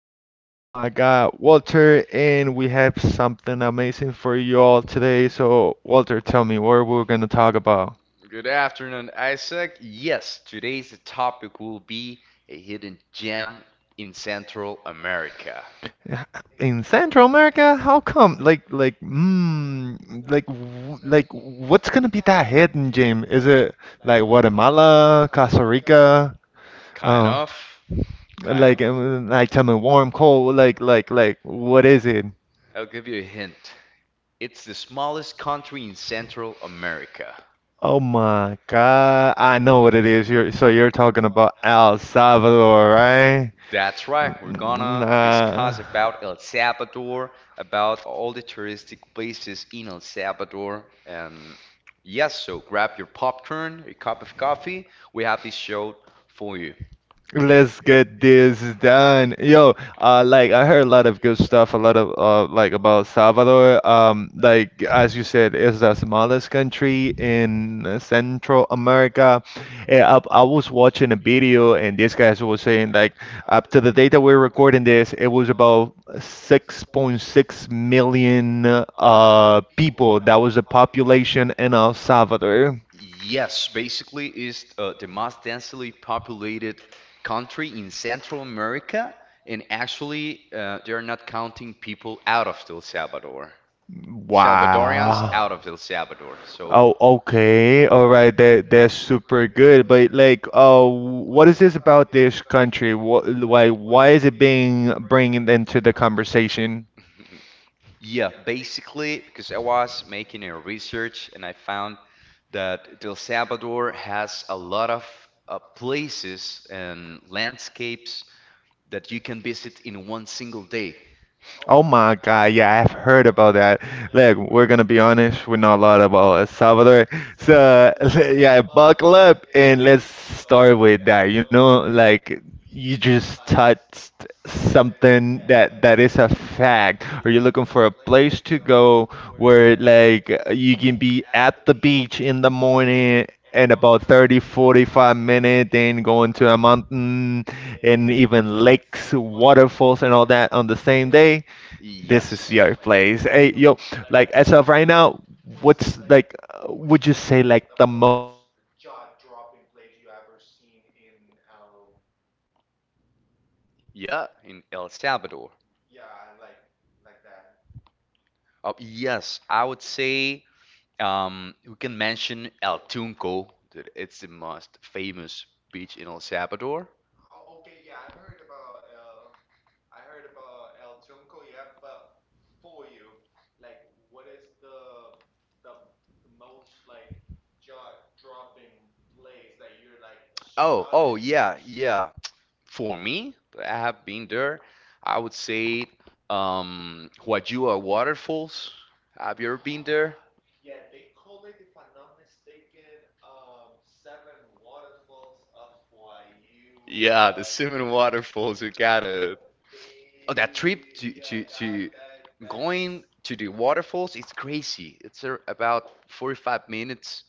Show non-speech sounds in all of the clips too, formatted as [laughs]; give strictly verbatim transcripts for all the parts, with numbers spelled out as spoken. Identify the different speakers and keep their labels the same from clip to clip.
Speaker 1: with my guy Walter, and we have something amazing for you all today. So, Walter, tell me what we're gonna talk about.
Speaker 2: Good afternoon, Isaac. Yes, today's topic will be a hidden gem in Central America.
Speaker 1: In Central America, how come? Like, like, mm, like, w- like, what's gonna be that hidden gem? Is it like Guatemala, Costa Rica?
Speaker 2: Kind
Speaker 1: Uh,
Speaker 2: of. Kind
Speaker 1: like,
Speaker 2: of.
Speaker 1: um, like, tell me warm, cold, like, like, like, what is it?
Speaker 2: I'll give you a hint. It's the smallest country in Central America.
Speaker 1: Oh my God. I know what it is. You're so you're talking about El Salvador, right?
Speaker 2: That's right. We're
Speaker 1: N-
Speaker 2: gonna
Speaker 1: Nah.
Speaker 2: discuss about El Salvador, about all the touristic places in El Salvador, and yes, so grab your popcorn, a cup of coffee. We have this show for you.
Speaker 1: Let's get this done. Yo, uh like I heard a lot of good stuff, a lot of uh like about Salvador. Um like as you said, it's the smallest country in Central America. Eh, I, I was watching a video and these guys were saying like up to the date that we're recording this, it was about 6.6 million uh people. That was the population in El Salvador.
Speaker 2: Yes, basically is uh, the most densely populated country in Central America, and actually uh, they're not counting people out of El Salvador. Salvadorians out of
Speaker 1: Wow.
Speaker 2: El Salvador. So
Speaker 1: Oh, okay. All right. That that's super good. But like, uh, what is this about this country? What, why, why is it being bringing into the conversation?
Speaker 2: [laughs] yeah, basically because I was making a research and I found that El Salvador has a lot of uh, places and landscapes that you can visit in one single day.
Speaker 1: Oh my God, yeah, I've heard about that. Look, we're gonna be honest, we know a lot about El Salvador. So, [laughs] yeah, buckle up and let's start with that. You know, like you just touched something that that is a fact. Are you looking for a place to go where like you can be at the beach in the morning and about thirty, forty-five minutes, then going to a mountain and even lakes, waterfalls, and all that on the same day? This is
Speaker 2: Yes.
Speaker 1: your place. Hey, yo, like as of right now, what's like, uh, would you say like the most jaw-dropping place you ever seen in L?
Speaker 2: Yeah, in El Salvador.
Speaker 1: Uh, yeah, like like that.
Speaker 2: Uh, yes, I would say um, we can mention El Tunco. That It's the most famous beach in El Salvador.
Speaker 1: Oh, okay, yeah, I've heard about El. I heard about El Tunco, yeah, but for you, like, what is the the the most like jaw-dropping place that you're like
Speaker 2: Oh, oh
Speaker 1: astonished when
Speaker 2: yeah,
Speaker 1: you see it?
Speaker 2: yeah. For me, I have been there. I would say um, Huayua Waterfalls. Have you ever been there?
Speaker 1: Ah, yeah, they call it, if I'm not mistaken, um, Seven Waterfalls of Waiyu.
Speaker 2: Yeah, the
Speaker 1: Uh,
Speaker 2: Simon
Speaker 1: you,
Speaker 2: waterfalls. We
Speaker 1: no,
Speaker 2: got it.
Speaker 1: uh,
Speaker 2: Oh, that trip
Speaker 1: they,
Speaker 2: to
Speaker 1: yeah,
Speaker 2: to to
Speaker 1: that that
Speaker 2: going
Speaker 1: that's.
Speaker 2: to the waterfalls. It's crazy. It's a, about forty-five minutes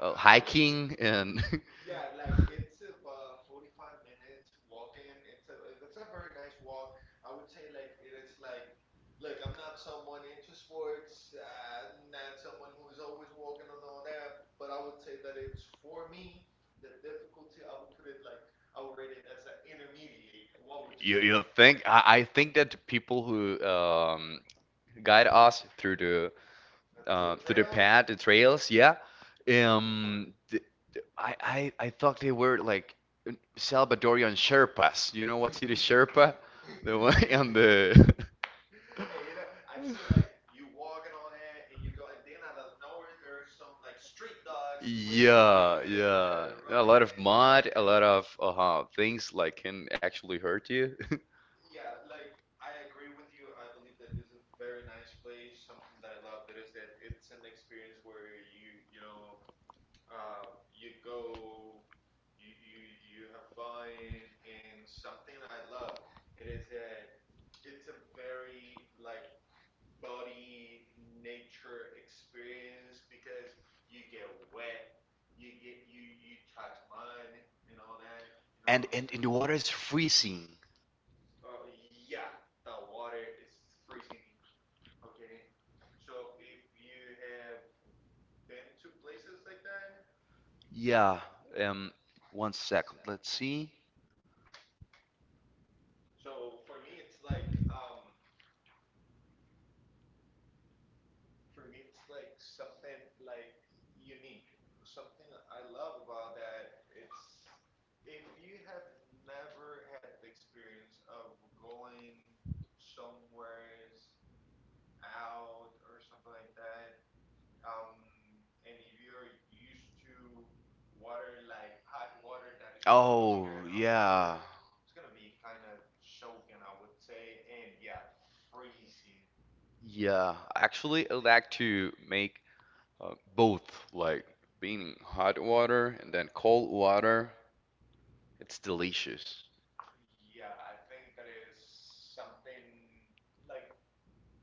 Speaker 2: uh,
Speaker 1: I I would say,
Speaker 2: hiking and. [laughs]
Speaker 1: yeah, like it's about forty-five minutes walking. It's a that's a very nice walk. I would say like it is like, look, I'm not someone into sports. uh, I'm not someone who is always walking and all that. But I would say that it's for me the difficulty. I would put it like I would rate it as an intermediate. What would you
Speaker 2: You, you
Speaker 1: say?
Speaker 2: think I, I think that the people who um, guide us through the
Speaker 1: Uh, to the
Speaker 2: uh, through the
Speaker 1: trails?
Speaker 2: path, the trails, yeah. Um, th I, I I thought they were like Salvadorian
Speaker 1: [laughs]
Speaker 2: Sherpas. You
Speaker 1: [laughs]
Speaker 2: know what city Sherpa? The one [laughs] on the.
Speaker 1: Hey, you know, I've seen like you walk and all that, and you go, and then out of nowhere, there's some like street dogs with
Speaker 2: Yeah,
Speaker 1: you, and
Speaker 2: yeah.
Speaker 1: they're
Speaker 2: A
Speaker 1: running
Speaker 2: lot of
Speaker 1: and
Speaker 2: mud, a
Speaker 1: barking.
Speaker 2: lot
Speaker 1: uh,
Speaker 2: of uh, things like can actually hurt you. [laughs]
Speaker 1: Yeah, like I agree with you. I believe that this is a very nice place. Something that I love that is that it's an experience where you, you know, um, you go you you you have fun, and something I love it is that it's a very like body nature experience because you get wet, you get you you touch mud and all that, you know what
Speaker 2: And,
Speaker 1: I'm
Speaker 2: and
Speaker 1: saying?
Speaker 2: and the water is freezing.
Speaker 1: Oh yeah, the water is freezing. Okay, so if you have been to places like that.
Speaker 2: Yeah. Um. One second. Let's see.
Speaker 1: So for me, it's like um, for me, it's like something like unique, something I love about that. It's if you have never had the experience of going somewheres out or something like that, um, and if you're used to water like hot water that is normally
Speaker 2: Oh
Speaker 1: here in El
Speaker 2: yeah,
Speaker 1: Salvador, it's gonna be kind of choking, I would say, and yeah, freezing.
Speaker 2: yeah. Actually, I like to make Uh, both, like being in hot water and then cold water, it's delicious.
Speaker 1: Yeah, I think that is something like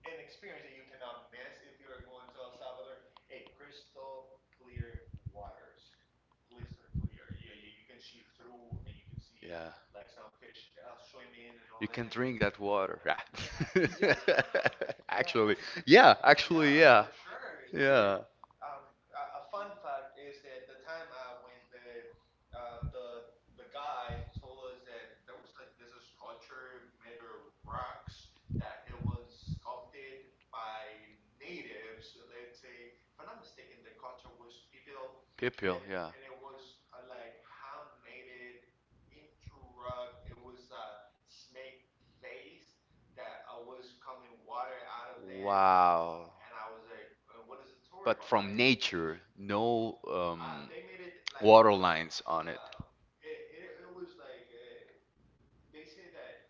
Speaker 1: an experience that you cannot miss if you're going to El Salvador. Hey, crystal clear waters. Crystal clear. Yeah, yeah, you can see through and you can see
Speaker 2: Yeah.
Speaker 1: like some fish uh, swimming and
Speaker 2: You
Speaker 1: all
Speaker 2: can
Speaker 1: that.
Speaker 2: drink that water. Ah.
Speaker 1: Yeah,
Speaker 2: [laughs]
Speaker 1: yeah, yeah,
Speaker 2: Actually,
Speaker 1: that's what they
Speaker 2: yeah, actually,
Speaker 1: yeah,
Speaker 2: yeah.
Speaker 1: for sure. There,
Speaker 2: Yeah.
Speaker 1: um, a, a fun fact is that the time uh, when the uh, the the guy told us that there was like this sculpture made of rocks that it was sculpted by natives. Let's say, if I'm not mistaken, the culture was people,
Speaker 2: Pipil,
Speaker 1: and
Speaker 2: yeah.
Speaker 1: and it was uh, like handmade it into rock. It was a snake face that uh, was coming water out of there,
Speaker 2: Wow.
Speaker 1: and I was like, and what is the Tory
Speaker 2: But from
Speaker 1: behind?
Speaker 2: nature,
Speaker 1: Y-
Speaker 2: no
Speaker 1: Uh,
Speaker 2: um,
Speaker 1: they made it like
Speaker 2: water
Speaker 1: uh,
Speaker 2: lines on it.
Speaker 1: um, it, it it was like uh, they say that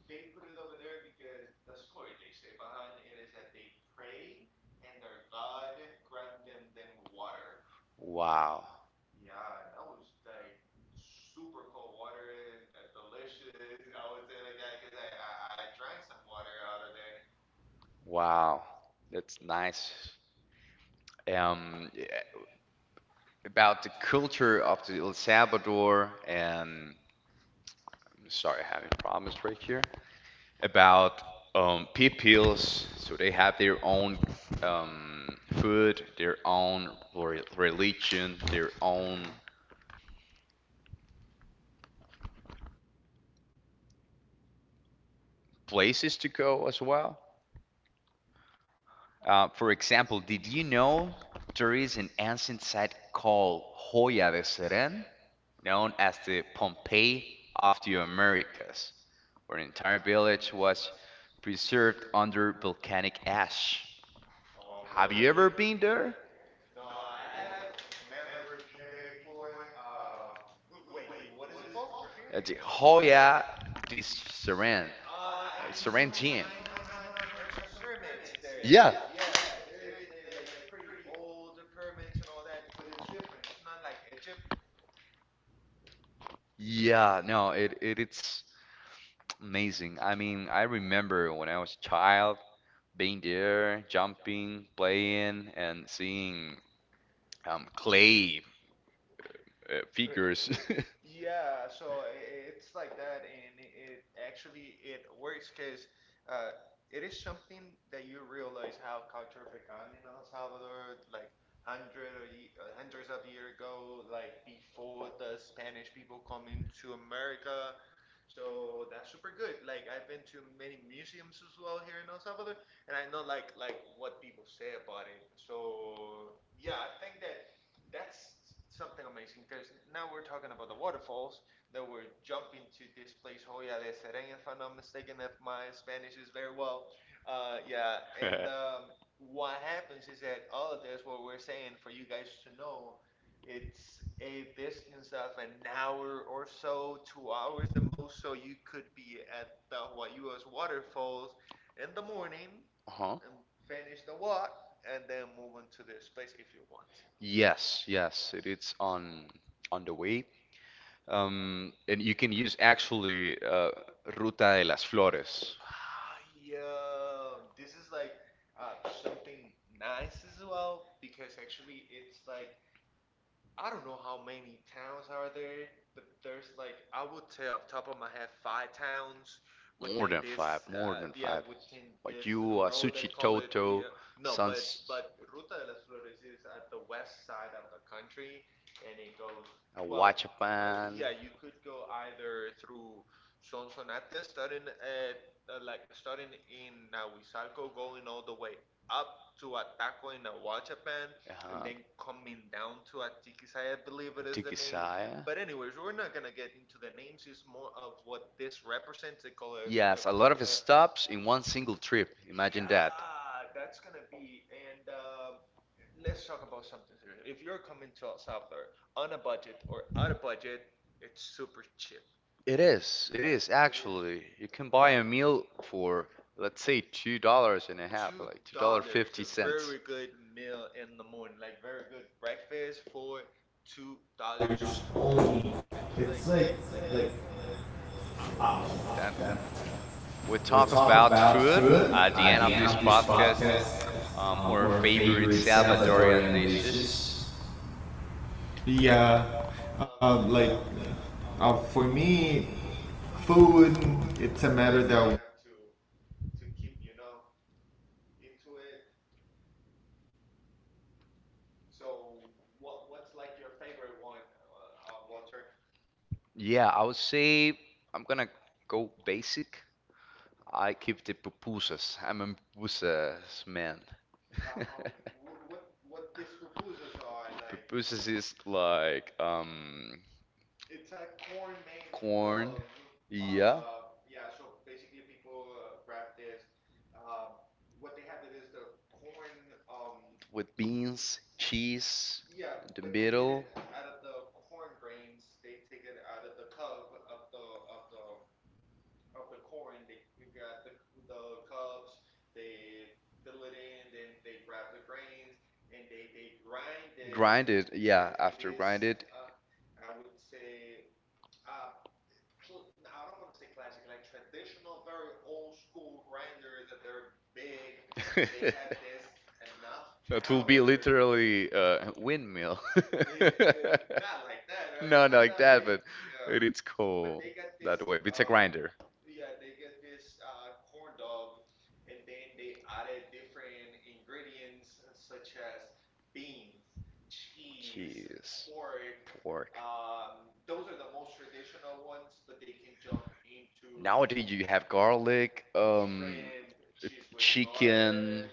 Speaker 1: they put it over there because the story they say behind it is that they pray and their God grant them them water.
Speaker 2: Wow.
Speaker 1: Yeah, that was like super cold water, uh, delicious. I would say like that because I, I I drank some water out of there.
Speaker 2: Wow, that's nice. Um, yeah, about the culture of the El Salvador, and sorry, having problems right here. About um, peoples, so they have their own um, food, their own re- religion, their own places to go as well. Uh, for example, did you know there is an ancient site called Hoya de Seren, known as the Pompeii of the Americas, where an entire village was preserved under volcanic ash? Have you ever been there? Wait, what is it at the Hoya de Saran, like Saran Gym? I know, I know, there are some pyramids there. Yeah. Yeah, no, it, it it's amazing. I mean, I remember when I was a child being there, jumping, playing, and seeing um, clay uh, figures. [laughs] [laughs] Uh-huh. Yes, yes, it, it's on on the way. Um, and you can use actually uh, Ruta de las Flores. More than five, more than five. You, Wayuu, Toto, Sans, uh, Huachapan. And name. In one single trip. It is. You can a meal for let's say two dollars and a dollar. Then we talk about food at the end of this podcast. Um, or favorite Salvadorian dishes? Yeah, I would say I'm gonna go basic. I keep the pupusas. I'm a pupusas man. [laughs] Pupusas is like um corn. Yeah. With beans, cheese, in the middle. Grind it, yeah, after grind it. [laughs] That will be literally a windmill. [laughs] Not like that, but it's cool that way. It's a grinder. Cheese, pork. Nowadays you have garlic, um, chicken,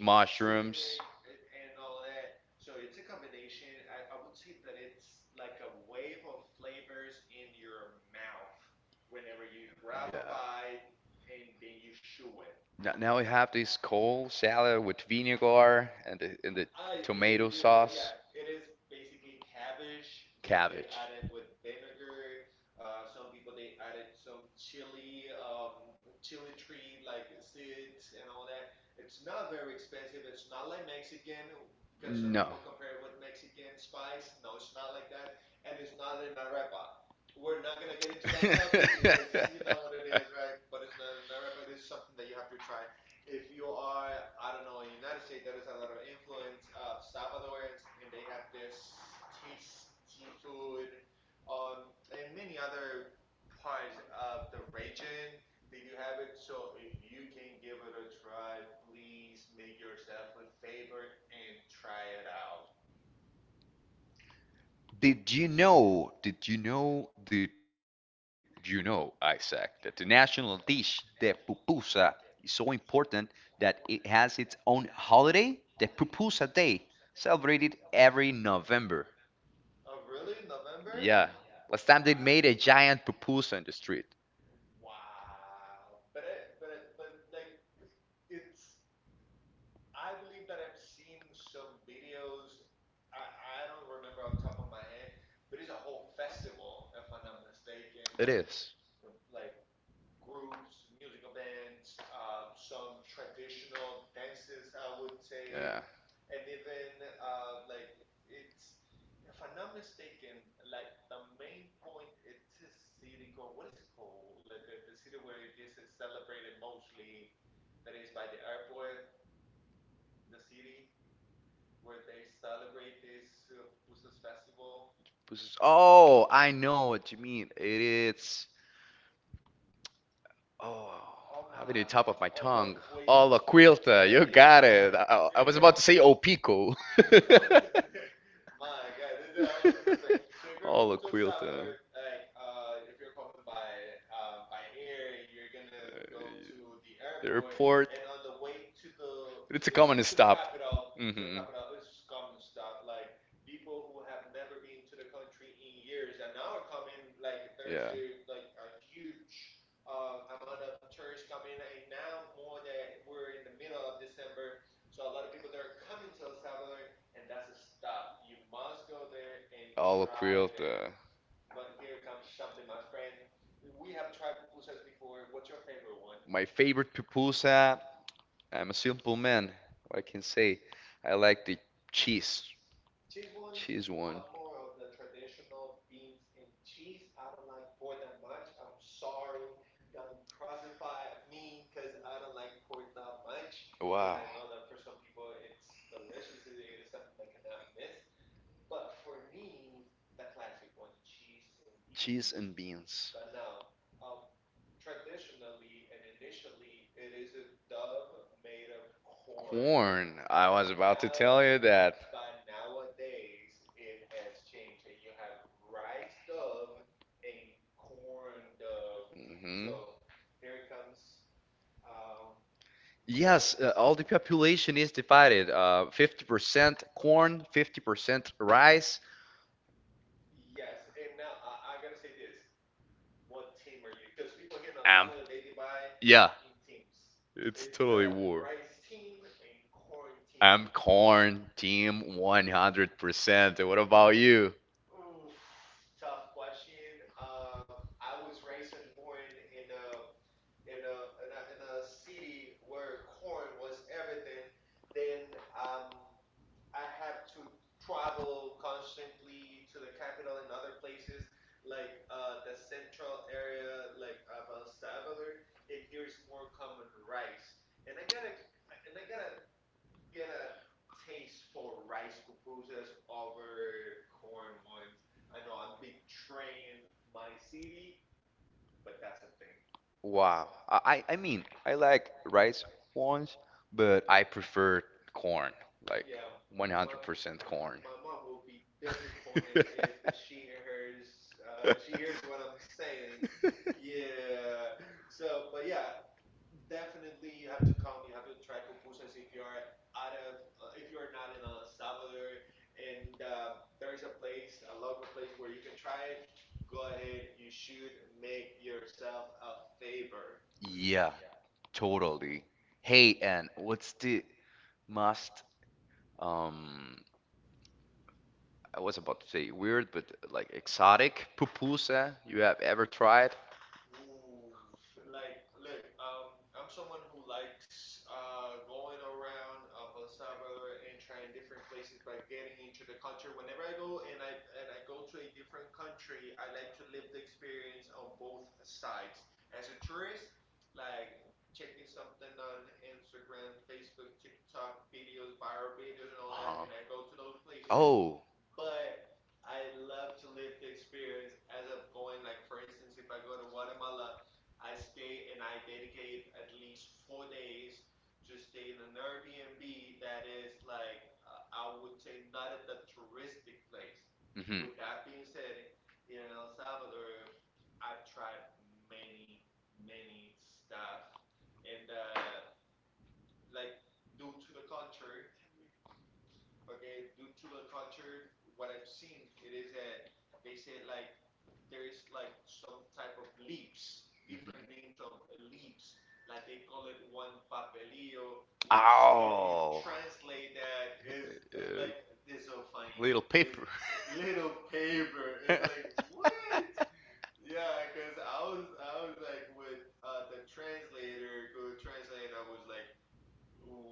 Speaker 2: mushrooms. Yeah. Now, now we have this cold salad with vinegar and the, and the tomato sauce. No. [laughs] Did you know? Did you know? Did you know, Isaac, that the national dish, the pupusa, is so important that it has its own holiday, the Pupusa Day, celebrated every November? Yeah. Last time they made a giant pupusa in the street. It is. This is- Oh, I know what you mean. It's oh, having the top of my tongue. Olla Quilta, you got it. I, I was about to say Opico. [laughs] Olla Quilta. The airport. It's a common stop. Hmm. Yeah. All across my favorite pupusa. I'm a simple man. What I can say, I like the cheese, one. Wow. You that. uh, all the population is divided. Uh, fifty percent corn, fifty percent rice, um, yeah, it's totally war. I'm corn team one hundred percent. What about you? Wow. I, I I mean, I like rice ones, but I prefer corn. Like my one hundred percent corn. [laughs] [laughs] Yeah, totally. Hey, and what's the must um, I was about to say weird, but like exotic pupusa you have ever tried? Uh-huh. Oh. Mm-hmm. Oh. Uh, [laughs] little paper. It's like, [laughs] what?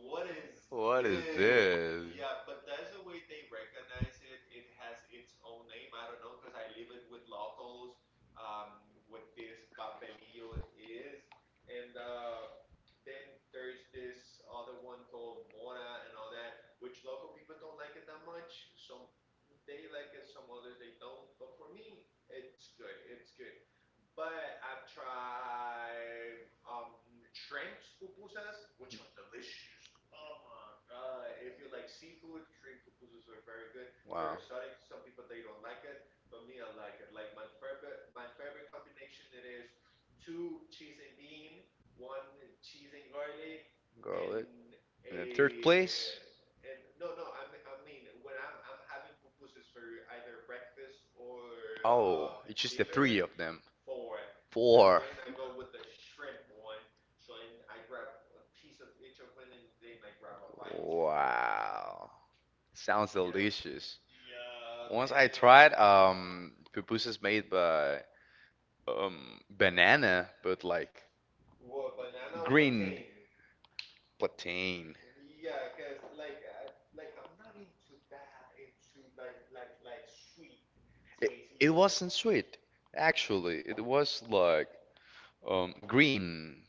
Speaker 2: What this? They're of them. And wow. Sounds delicious. Once I tried um pupusas made by um banana, but like green plantain. It, it wasn't sweet, actually. It was like um green.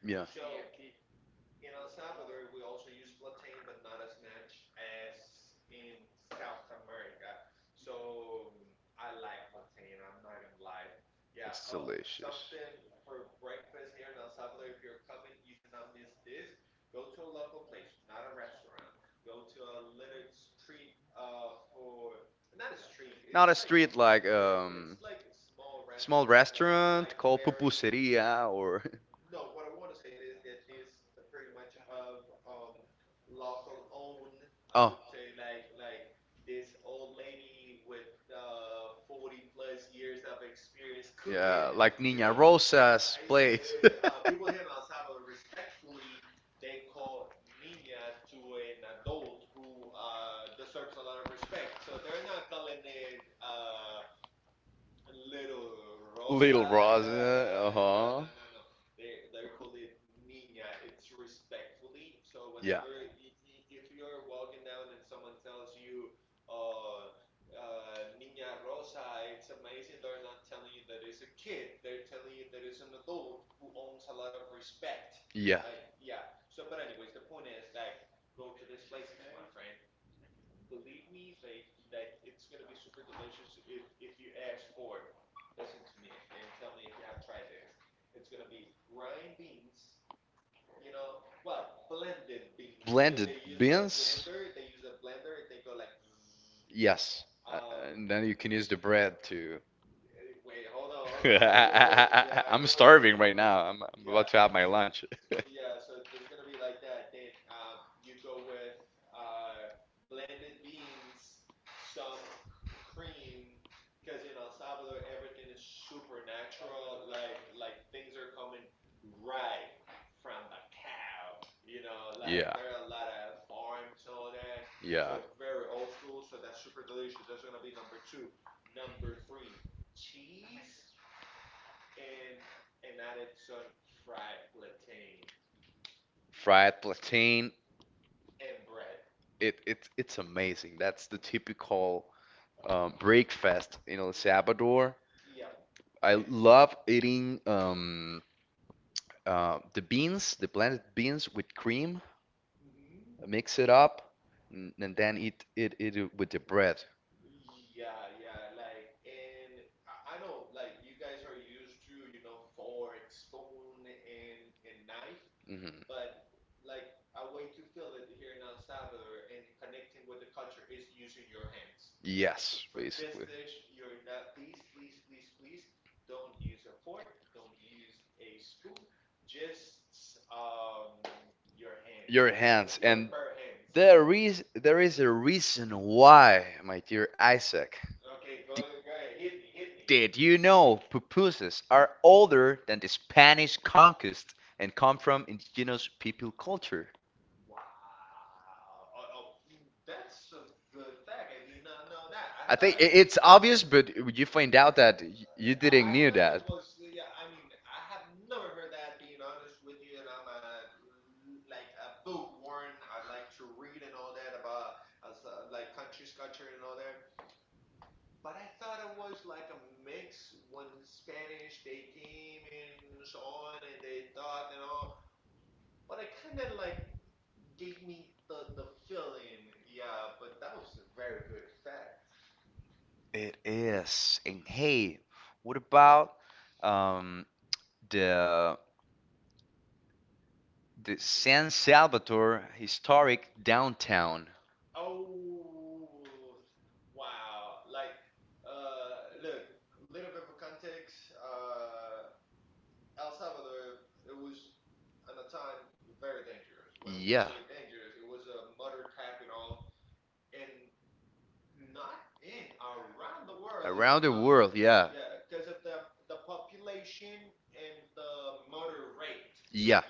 Speaker 2: Mhm. Yeah, it's delicious. Like pupuseria or [laughs] Rosa's. [laughs] Yeah. Blended beans? Yes. Uh, and then you can use the bread to. [laughs] I'm starving right now. I'm, I'm about to have my lunch. [laughs] Yeah. Yeah. Fried plantain. It, it it's amazing. That's the typical um, breakfast in El Salvador. I love eating um, uh, the beans, the blended beans with cream. Mix it up, n- and then eat it, eat it with the bread. Hmm. Yes, basically. Your hands. And there is there is a reason why, my dear Isaac. Did you know pupusas are older than the Spanish conquest and come from indigenous people culture? I think i- it's obvious, but you find out that y- you didn't knew that. It is. And hey, what about um, the the San Salvador historic downtown? World, yeah. Yeah.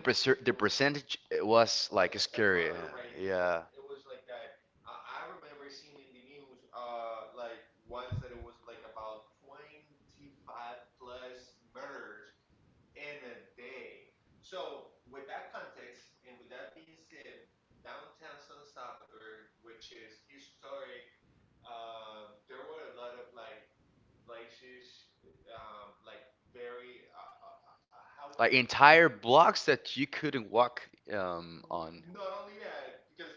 Speaker 2: Percentage it was. Yeah. Like entire blocks that you couldn't walk um, on. Yeah. Yeah.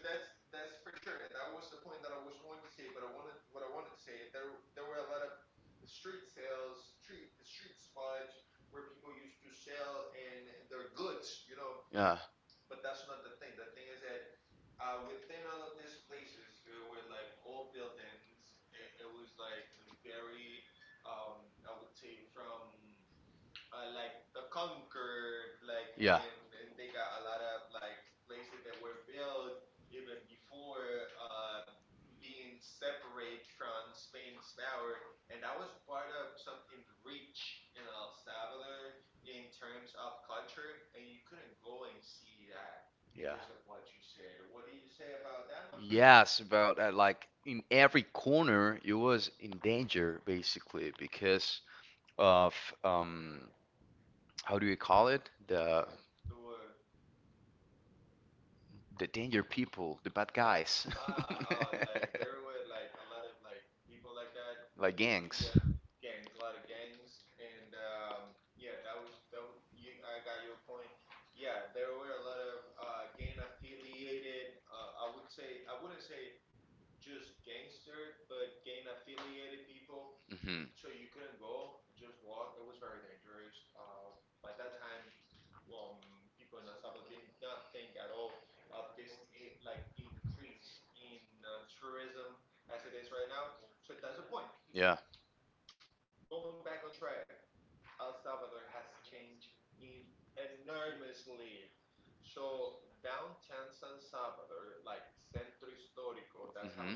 Speaker 2: Yeah. Yes, about that. Like in every corner, it was in danger basically because of um, how do you call it? The the danger people, the bad guys. [laughs] Like gangs. Hmm. Yeah. Mhm.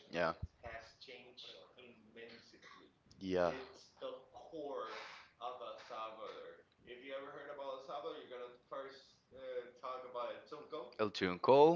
Speaker 2: Yeah. Yeah. El Tunco.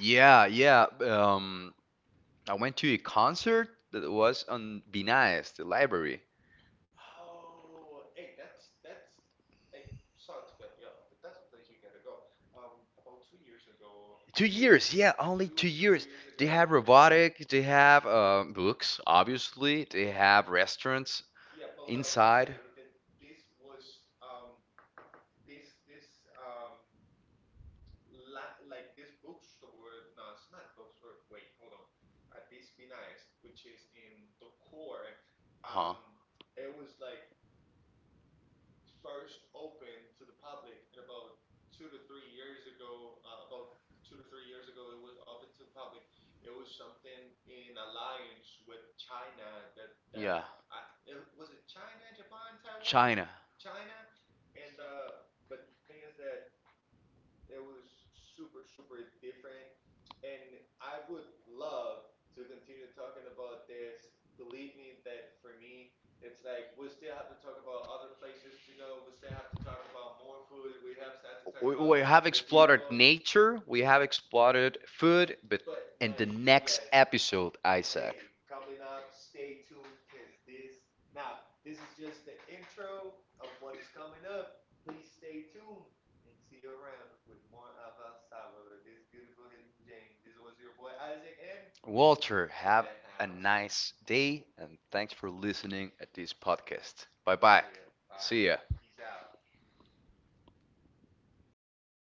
Speaker 2: Yeah, yeah. Um, I went to a concert that was on Vinaes, the library. Two years, yeah, only two years. They have robotics, they have uh, books, obviously, they have restaurants inside. Huh. Yeah. China. Have nature, we have explored food, but episode, hey, Walter, nice day and thanks for listening at this podcast. Bye ya.